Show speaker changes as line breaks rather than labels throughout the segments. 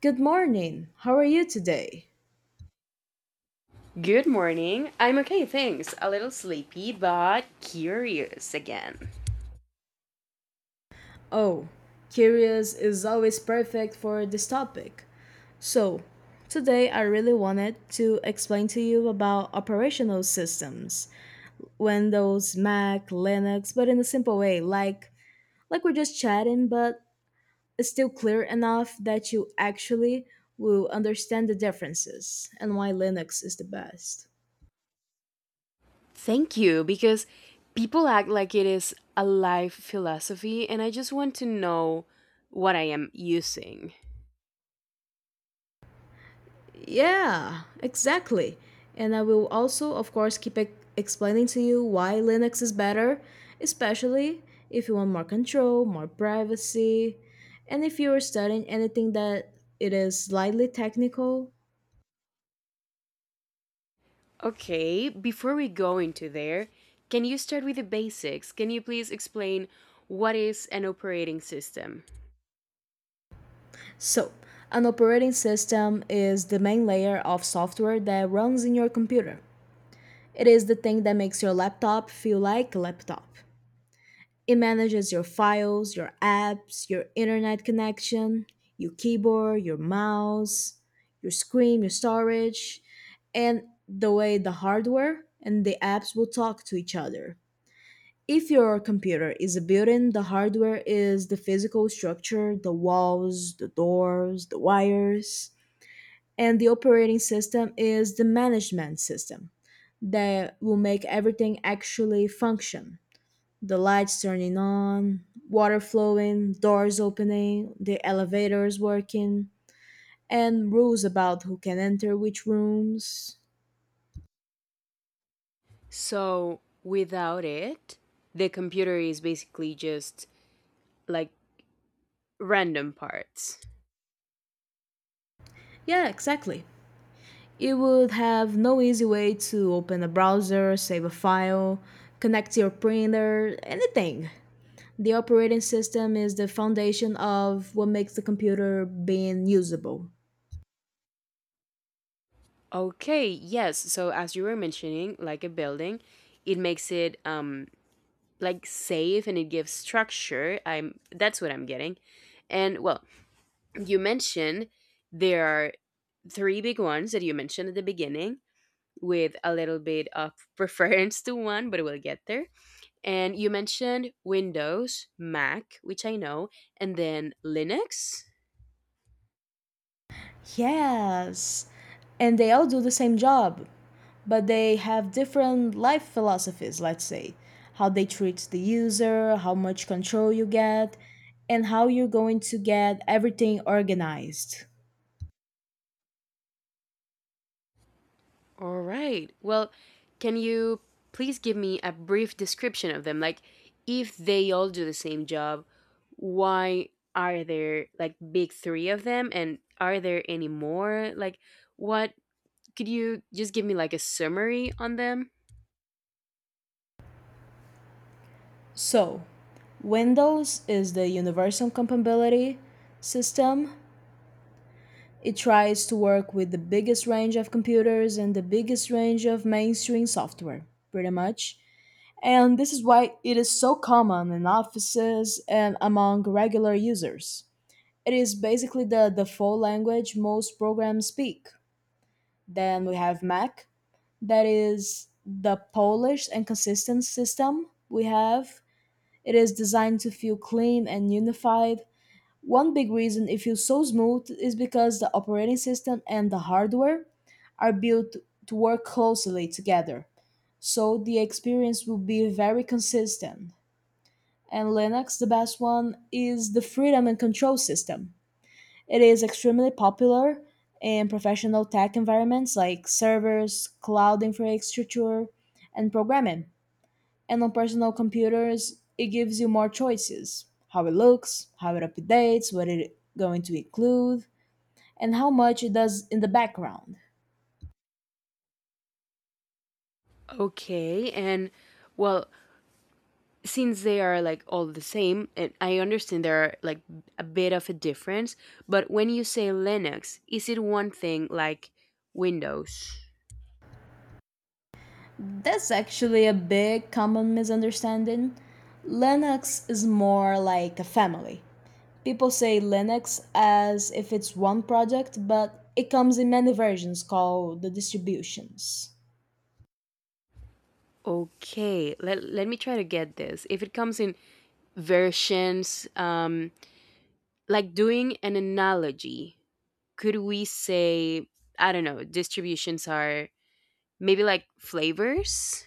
Good morning. How are you today?
Good morning. I'm okay, thanks. A little sleepy, but curious again.
Oh, curious is always perfect for this topic. So, today I really wanted to explain to you about operational systems, Windows, Mac, Linux, but in a simple way, like we're just chatting, but it's still clear enough that you actually will understand the differences and why Linux is the best.
Thank you, because people act like it is a life philosophy, and I just want to know what I am using.
Yeah, exactly. And I will also, of course, keep explaining to you why Linux is better, especially if you want more control, more privacy, and if you're studying anything that it is slightly technical.
Okay, before we go into there, can you start with the basics? Can you please explain what is an operating system?
So, an operating system is the main layer of software that runs in your computer. It is the thing that makes your laptop feel like a laptop. It manages your files, your apps, your internet connection, your keyboard, your mouse, your screen, your storage, and the way the hardware and the apps will talk to each other. If your computer is a building, the hardware is the physical structure, the walls, the doors, the wires, and the operating system is the management system that will make everything actually function, the lights turning on, water flowing, doors opening, the elevators working, and rules about who can enter which rooms.
So, without it, the computer is basically just like random parts.
Yeah, exactly. You would have no easy way to open a browser, save a file, connect your printer, anything. The operating system is the foundation of what makes the computer being usable.
Okay, yes. So as you were mentioning, like a building, it makes it like safe and it gives structure. I'm that's what I'm getting. And well, you mentioned there are three big ones that you mentioned at the beginning with a little bit of preference to one, but we'll get there. And you mentioned Windows, Mac, which I know, and then Linux.
Yes. And they all do the same job, but they have different life philosophies, let's say, how they treat the user, how much control you get, and how you're going to get everything organized.
All right. Well, can you please give me a brief description of them? Like, if they all do the same job, why are there like big three of them? And are there any more? Like, what could you just give me like a summary on them?
So, Windows is the universal compatibility system. It tries to work with the biggest range of computers and the biggest range of mainstream software, pretty much. And this is why it is so common in offices and among regular users. It is basically the default language most programs speak. Then we have Mac, that is the polished and consistent system we have. It is designed to feel clean and unified. One big reason it feels so smooth is because the operating system and the hardware are built to work closely together. So the experience will be very consistent. And Linux, the best one, is the freedom and control system. It is extremely popular in professional tech environments like servers, cloud infrastructure, and programming. And on personal computers, it gives you more choices how it looks, how it updates, what it's going to include, and how much it does in the background.
Okay. And well, since they are like all the same, and I understand there are like a bit of a difference, but when you say Linux, is it one thing like Windows?
That's actually a big common misunderstanding. Linux is more like a family. People say Linux as if it's one product, but it comes in many versions called the distributions.
Okay, let me try to get this. If it comes in versions, like doing an analogy, could we say, I don't know, distributions are maybe like flavors?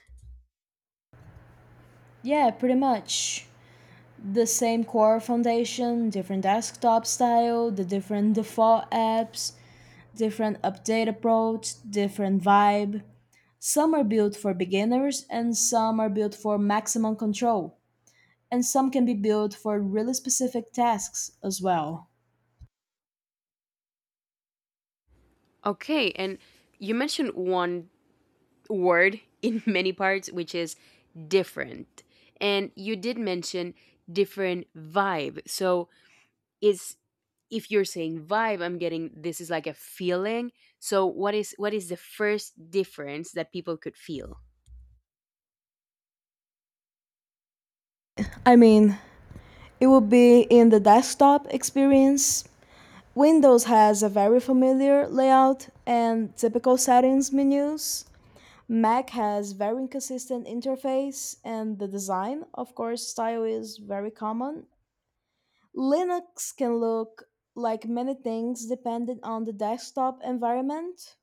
Yeah, pretty much. The same core foundation, different desktop style, the different default apps, different update approach, different vibe. Some are built for beginners and some are built for maximum control. And some can be built for really specific tasks as well.
Okay, and you mentioned one word in many parts, which is different. And you did mention different vibe. So, is if you're saying vibe, I'm getting this is like a feeling. So, what is the first difference that people could feel?
I mean, it will be in the desktop experience. Windows has a very familiar layout and typical settings menus. Mac has very inconsistent interface and the design, of course, style is very common. Linux can look like many things depending on the desktop environment.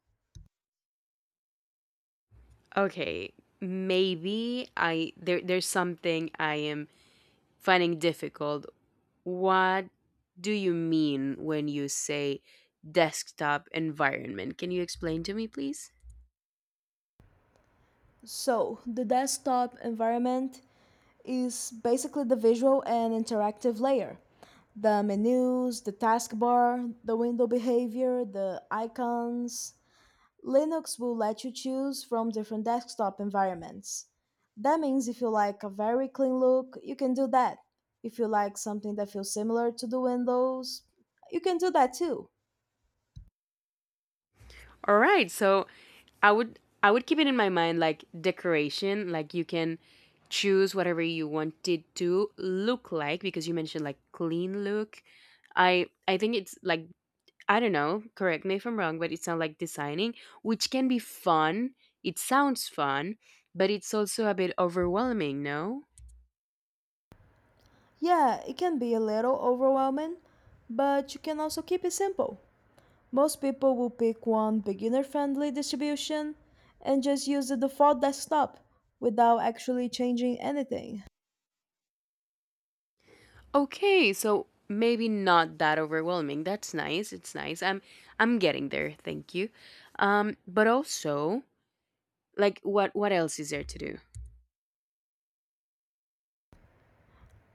Okay, maybe I there's something I am finding difficult. What do you mean when you say desktop environment? Can you explain to me, please?
So, the desktop environment is basically the visual and interactive layer, the menus, the taskbar, the window behavior, the icons. Linux will let you choose from different desktop environments. That means if you like a very clean look, you can do that. If you like something that feels similar to the Windows, you can do that too.
All right, so I would keep it in my mind like decoration. Like you can choose whatever you want it to look like because you mentioned like clean look. I think it's like, I don't know, correct me if I'm wrong, but it sounds like designing, which can be fun. It sounds fun, but it's also a bit overwhelming, no?
Yeah, it can be a little overwhelming, but you can also keep it simple. Most people will pick one beginner friendly distribution and just use the default desktop without actually changing anything.
Okay, so maybe not that overwhelming. That's nice. It's nice. I'm getting there. Thank you. But also, like, what else is there to do?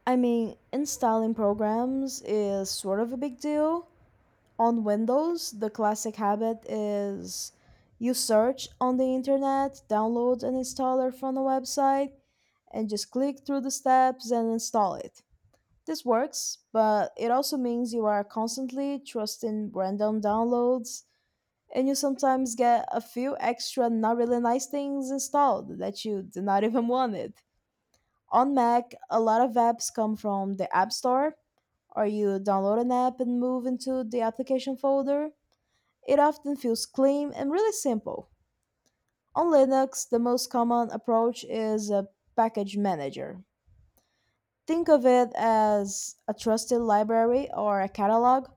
I mean, installing programs is sort of a big deal. On Windows, the classic habit is you search on the internet, download an installer from a website, and just click through the steps and install it. This works, but it also means you are constantly trusting random downloads, and you sometimes get a few extra not really nice things installed that you did not even wanted. On Mac, a lot of apps come from the App Store, or you download an app and move into the application folder. It often feels clean and really simple. On Linux, the most common approach is a package manager. Think of it as a trusted library or a catalog.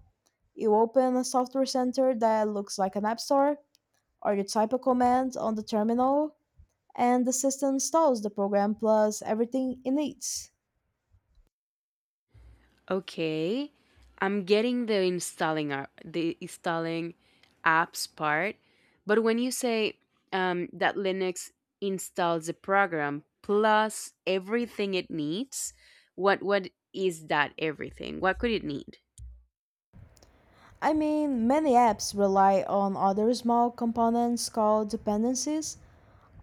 You open a software center that looks like an app store, or you type a command on the terminal, and the system installs the program plus everything it needs.
Okay. I'm getting the installing apps part, but when you say that Linux installs the program plus everything it needs, what is that everything? What could it need?
I mean, many apps rely on other small components called dependencies.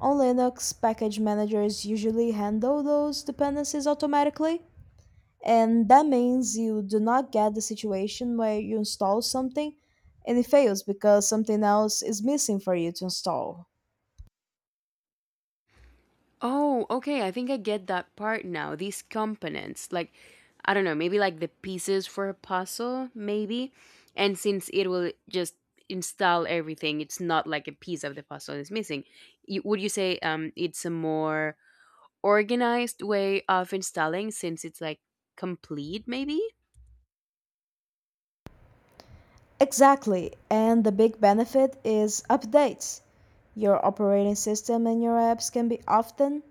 On Linux, package managers usually handle those dependencies automatically, and that means you do not get the situation where you install something and it fails because something else is missing for you to install.
Oh, okay. I think I get that part now. These components, like, I don't know, maybe like the pieces for a puzzle, maybe. And since it will just install everything, it's not like a piece of the puzzle is missing. Would you say it's a more organized way of installing since it's like complete, maybe?
Exactly, and the big benefit is updates. Your operating system and your apps can be often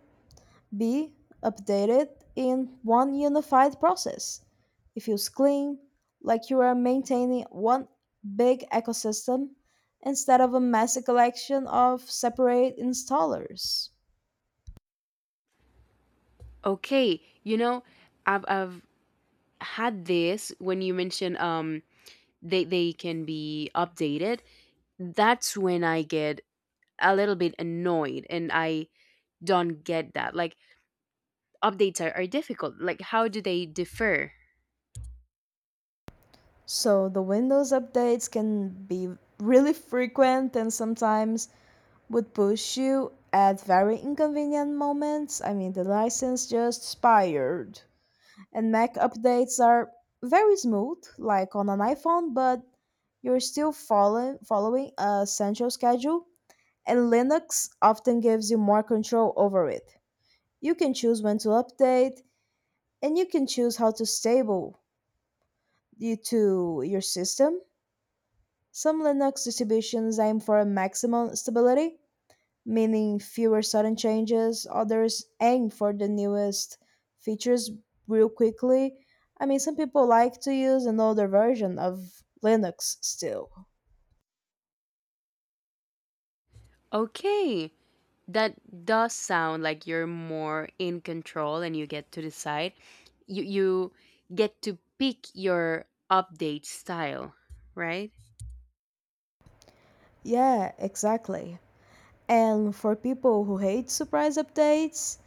be updated in one unified process. It feels clean, like you are maintaining one big ecosystem instead of a messy collection of separate installers.
Okay, I've had this when you mentioned they can be updated. That's when I get a little bit annoyed and I don't get that. Like updates are difficult. Like how do they differ?
So the Windows updates can be really frequent and sometimes would push you at very inconvenient moments. I mean, the license just expired. And Mac updates are very smooth, like on an iPhone, but you're still following a central schedule, and Linux often gives you more control over it. You can choose when to update, and you can choose how to stable you to your system. Some Linux distributions aim for a maximum stability, meaning fewer sudden changes. Others aim for the newest features real quickly. I mean, some people like to use an older version of Linux still.
Okay. That does sound like you're more in control and you get to decide. You get to pick your update style, right?
Yeah, exactly. And for people who hate surprise updates,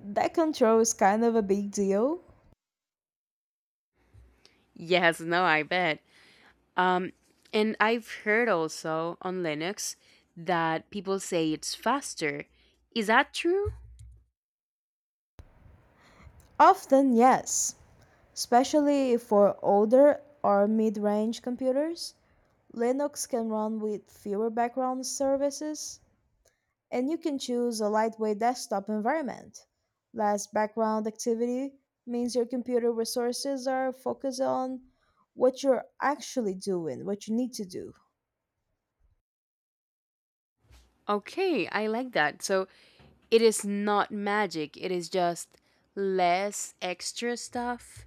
that control is kind of a big deal.
Yes, no, I bet. Um and I've heard also on Linux that people say it's faster. Is that true?
Often, yes, especially for older or mid range computers. Linux can run with fewer background services, and you can choose a lightweight desktop environment. Less background activity means your computer resources are focused on what you're actually doing, what you need to do.
Okay, I like that. So, it is not magic, it is just less extra stuff.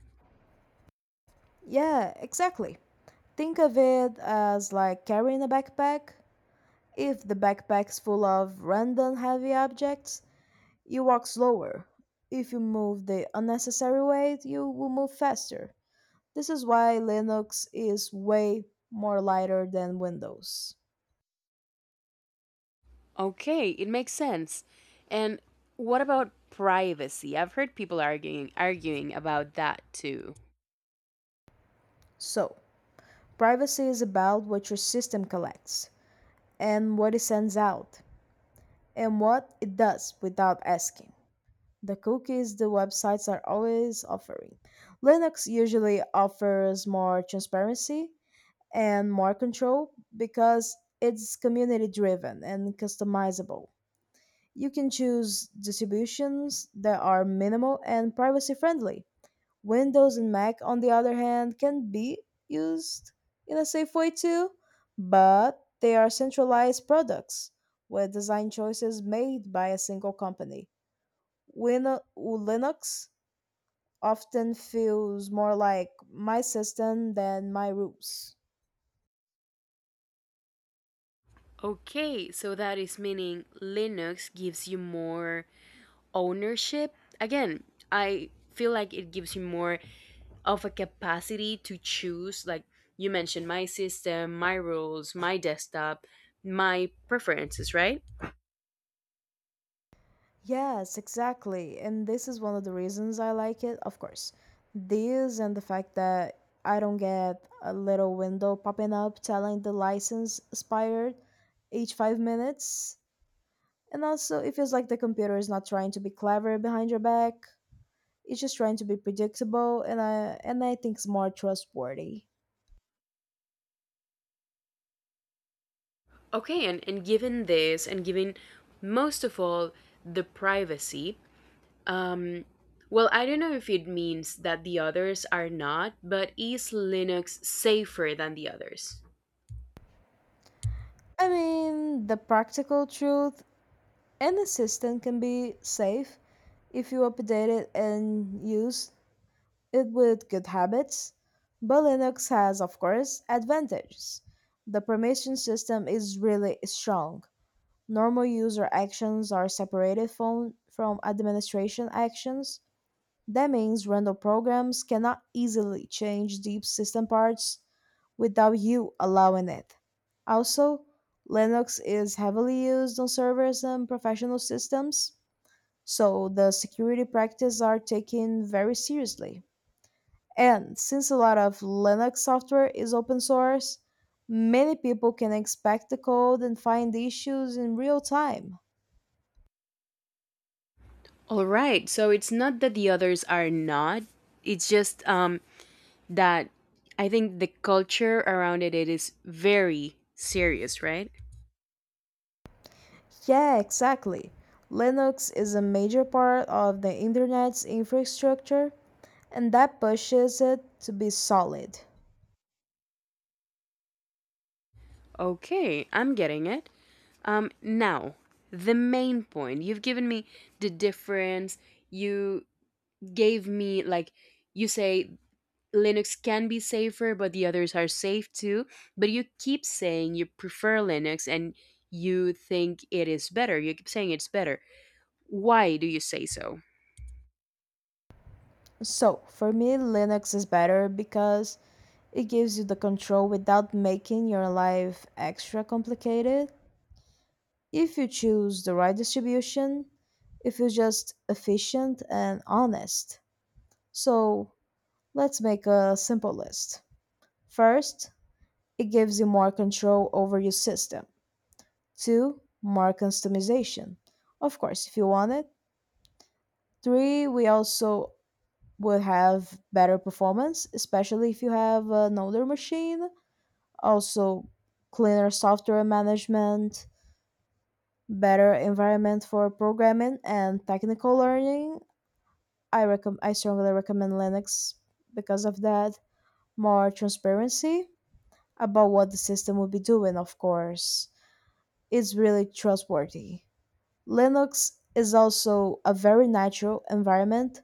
Yeah, exactly. Think of it as like carrying a backpack. If the backpack's full of random heavy objects, you walk slower. If you move the unnecessary weight, you will move faster. This is why Linux is way more lighter than Windows.
Okay, it makes sense. And what about privacy? I've heard people arguing about that too.
So, privacy is about what your system collects, and what it sends out, and what it does without asking. The cookies the websites are always offering. Linux usually offers more transparency and more control because it's community driven and customizable. You can choose distributions that are minimal and privacy friendly. Windows and Mac, on the other hand, can be used in a safe way too, but they are centralized products with design choices made by a single company. Linux often feels more like my system than my rules.
Okay, so that is meaning Linux gives you more ownership. Again, I feel like it gives you more of a capacity to choose, like you mentioned, my system, my rules, my desktop, my preferences, right?
Yes, exactly. And this is one of the reasons I like it, of course. This and the fact that I don't get a little window popping up telling the license expired each 5 minutes. And also, it feels like the computer is not trying to be clever behind your back. It's just trying to be predictable, and I think it's more trustworthy.
Okay, and, given this, and given most of all the privacy, um, well, I don't know if it means that the others are not, but is Linux safer than the others?
I mean, the practical truth, any system can be safe if you update it and use it with good habits. But Linux has, of course, advantages. The permission system is really strong. Normal user actions are separated from administration actions. That means random programs cannot easily change deep system parts without you allowing it. Also, Linux is heavily used on servers and professional systems, so the security practices are taken very seriously. And since a lot of Linux software is open source, many people can inspect the code and find issues in real time.
All right, so it's not that the others are not, it's just that I think the culture around it, is very serious, right?
Yeah, exactly. Linux is a major part of the internet's infrastructure, and that pushes it to be solid.
Okay, I'm getting it. Now, the main point. You've given me the difference. You gave me, like, you say Linux can be safer, but the others are safe too. But you keep saying you prefer Linux and you think it is better. You keep saying it's better. Why do you say so?
So, for me, Linux is better because it gives you the control without making your life extra complicated. If you choose the right distribution, if you're just efficient and honest. So let's make a simple list. First, it gives you more control over your system. Two, more customization. Of course, if you want it. Three, we also will have better performance, especially if you have an older machine. Also, cleaner software management, better environment for programming and technical learning, I strongly recommend Linux because of that. More transparency about what the system will be doing, of course. It's really trustworthy. Linux is also a very natural environment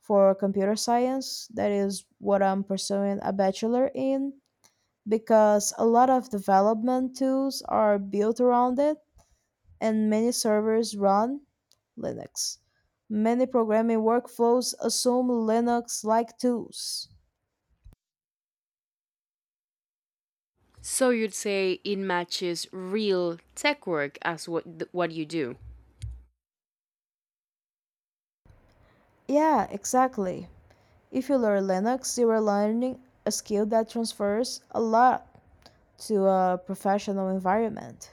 for computer science. That is what I'm pursuing a bachelor in because a lot of development tools are built around it and many servers run Linux. Many programming workflows assume Linux like tools.
So you'd say it matches real tech work as what you do.
Yeah, exactly. If you learn Linux, you are learning a skill that transfers a lot to a professional environment.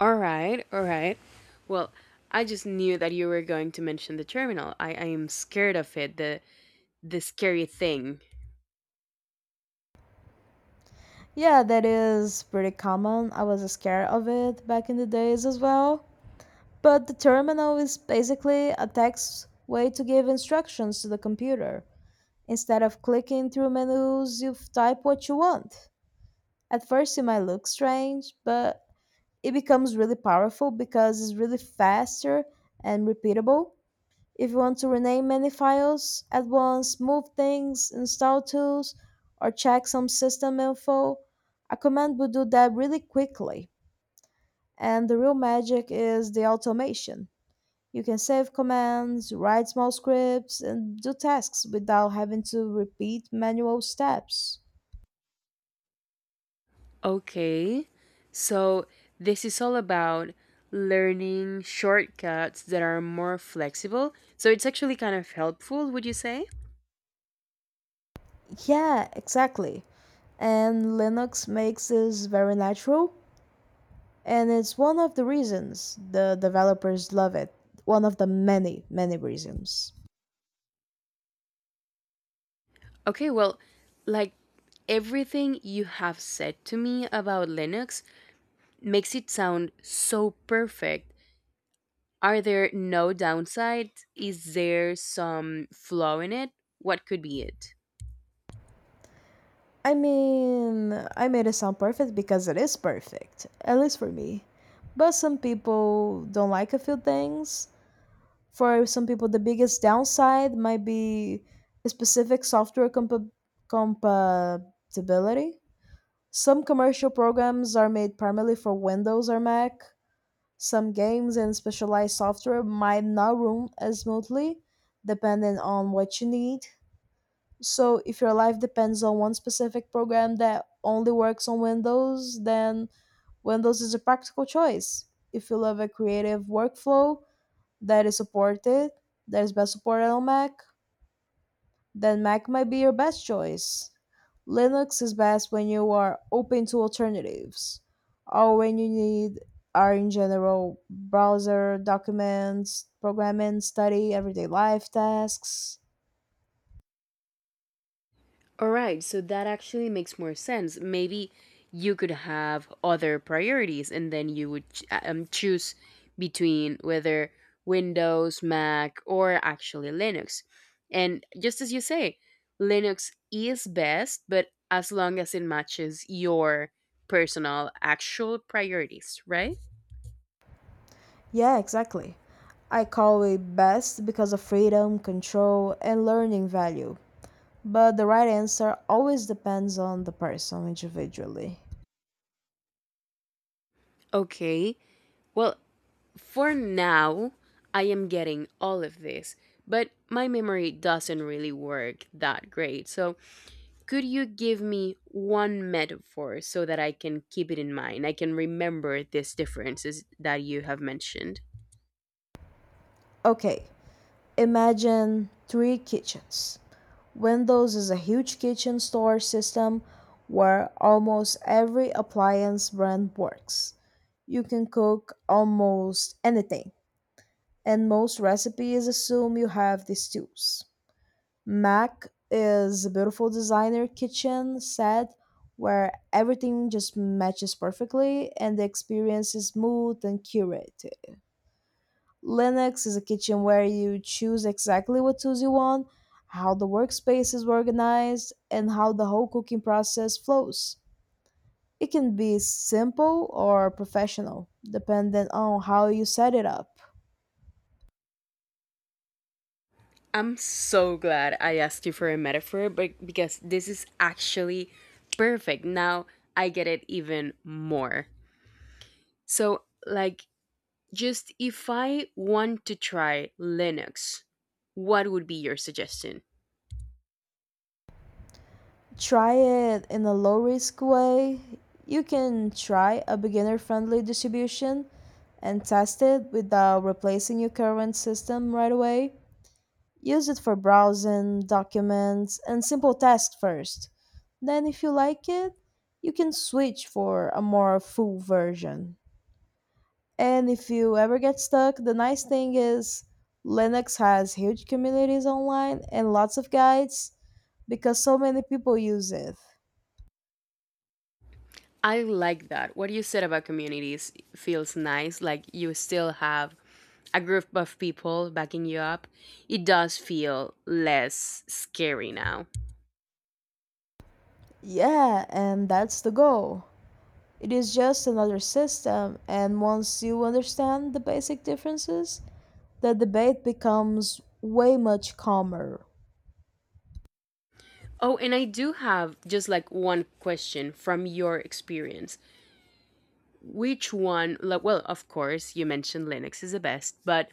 All right, all right. Well, I just knew that you were going to mention the terminal. I am scared of it. The scary thing.
Yeah, that is pretty common. I was scared of it back in the days as well. But the terminal is basically a text way to give instructions to the computer. Instead of clicking through menus, you type what you want. At first, it might look strange, but it becomes really powerful because it's really faster and repeatable. If you want to rename many files at once, move things, install tools, or check some system info, a command will do that really quickly. And the real magic is the automation. You can save commands, write small scripts, and do tasks without having to repeat manual steps.
Okay. So this is all about learning shortcuts that are more flexible. So it's actually kind of helpful, would you say?
Yeah, exactly, and Linux makes this very natural. And it's one of the reasons the developers love it. One of the many, many reasons.
Okay, well, like, everything you have said to me about Linux makes it sound so perfect. Are there no downsides? Is there some flaw in it? What could be it?
I mean, I made it sound perfect because it is perfect, at least for me. But some people don't like a few things. For some people, the biggest downside might be specific compatibility. Some commercial programs are made primarily for Windows or Mac. Some games and specialized software might not run as smoothly, depending on what you need. So, if your life depends on one specific program that only works on Windows, then Windows is a practical choice. If you love a creative workflow that is supported, that is best supported on Mac, then Mac might be your best choice. Linux is best when you are open to alternatives or when you need are in general browser documents, programming, study, everyday life tasks.
All right, so that actually makes more sense. Maybe you could have other priorities and then you would choose between whether Windows, Mac, or actually Linux. And just as you say, Linux is best, but as long as it matches your personal actual priorities, right?
Yeah, exactly. I call it best because of freedom, control, and learning value. But the right answer always depends on the person individually.
Okay. Well, for now, I am getting all of this, but my memory doesn't really work that great. So, could you give me one metaphor so that I can keep it in mind? I can remember these differences that you have mentioned.
Okay, imagine three kitchens. Windows is a huge kitchen store system where almost every appliance brand works. You can cook almost anything, and most recipes assume you have these tools. Mac is a beautiful designer kitchen set where everything just matches perfectly and the experience is smooth and curated. Linux is a kitchen where you choose exactly what tools you want, how the workspace is organized, and how the whole cooking process flows. It can be simple or professional, depending on how you set it up.
I'm so glad I asked you for a metaphor, but because this is actually perfect. Now I get it even more. So, like, just if I want to try Linux, what would be your suggestion?
Try it in a low risk way. You can try a beginner friendly distribution and test it without replacing your current system right away. Use it for browsing, documents, and simple tasks first. Then, if you like it, you can switch for a more full version. And if you ever get stuck, the nice thing is Linux has huge communities online and lots of guides because so many people use it.
I like that. What you said about communities feels nice. Like you still have a group of people backing you up. It does feel less scary now.
Yeah, and that's the goal. It is just another system, and once you understand the basic differences, the debate becomes way much calmer.
Oh, and I do have just like one question from your experience. Which one, like, well, of course, you mentioned Linux is the best, but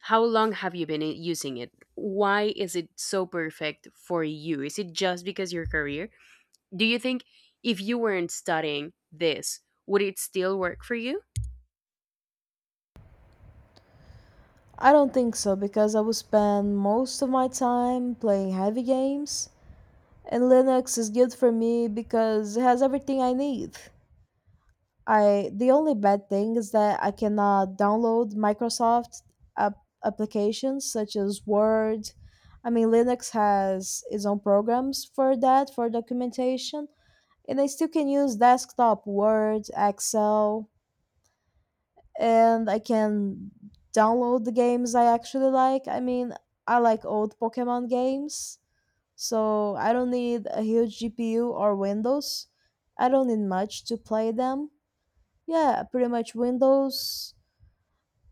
how long have you been using it? Why is it so perfect for you? Is it just because your career? Do you think if you weren't studying this, would it still work for you?
I don't think so because I would spend most of my time playing heavy games, and Linux is good for me because it has everything I need. I the only bad thing is that I cannot download Microsoft applications such as Word. I mean, Linux has its own programs for that for documentation, and I still can use desktop Word, Excel, and I can download the games I actually like. I mean, I like old Pokemon games, so I don't need a huge GPU or Windows. I don't need much to play them. Yeah, pretty much Windows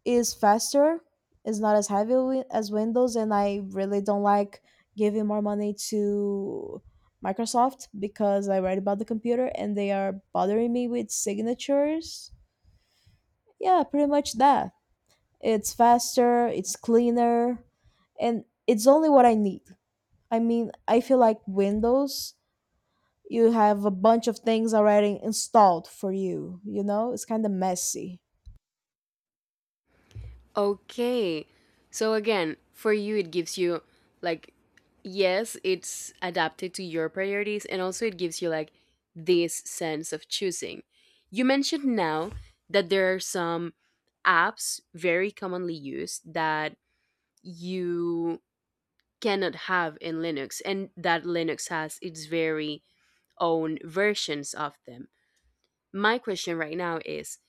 is faster, is not as as Windows, and I really don't like giving more money to Microsoft because I read about the computer and they are bothering me with signatures. Yeah, pretty much that. It's faster, it's cleaner, and it's only what I need. I mean, I feel like Windows, you have a bunch of things already installed for you, you know? It's kind of messy.
Okay. So again, for you, it gives you, like, yes, it's adapted to your priorities and also it gives you like this sense of choosing. You mentioned now that there are some apps very commonly used that you cannot have in Linux and that Linux has its very own versions of them. My question right now is,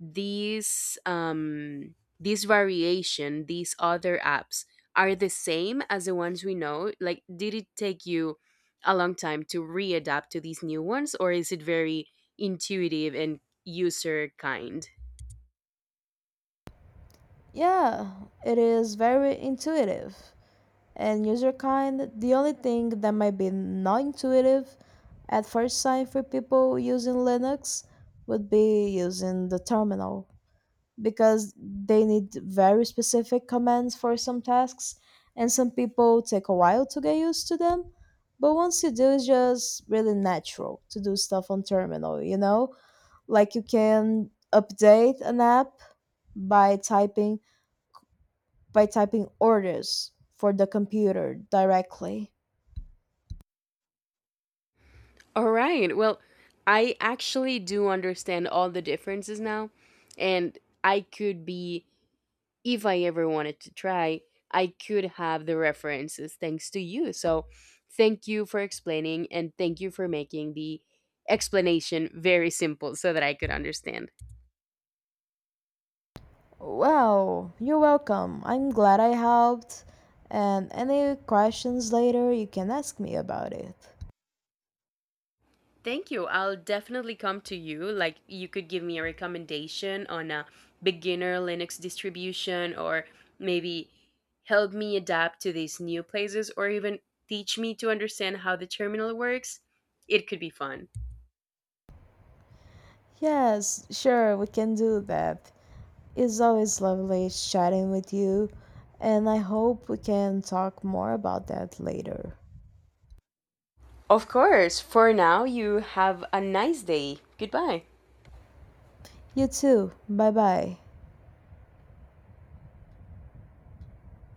these um these other apps are the same as the ones we know. Like, did it take you a long time to readapt to these new ones or is it very intuitive and user kind?
Yeah, it is very intuitive and user kind. The only thing that might be not intuitive at first sight for people using Linux would be using the terminal, because they need very specific commands for some tasks, and some people take a while to get used to them. But once you do, it's just really natural to do stuff on terminal. Like you can update an app by typing by typing orders for the computer directly.
All right, well, I actually do understand all the differences now, and I could be if I ever wanted to try, I could have the references thanks to you. So thank you for explaining and thank you for making the explanation very simple so that I could understand.
Well, you're welcome. I'm glad I helped. And any questions later, you can ask me about it.
Thank you. I'll definitely come to you. Like, you could give me a recommendation on a beginner Linux distribution or maybe help me adapt to these new places or even teach me to understand how the terminal works. It could be fun.
Yes, sure, we can do that. It's always lovely chatting with you, and I hope we can talk more about that later.
Of course. For now, you have a nice day. Goodbye.
You too. Bye bye.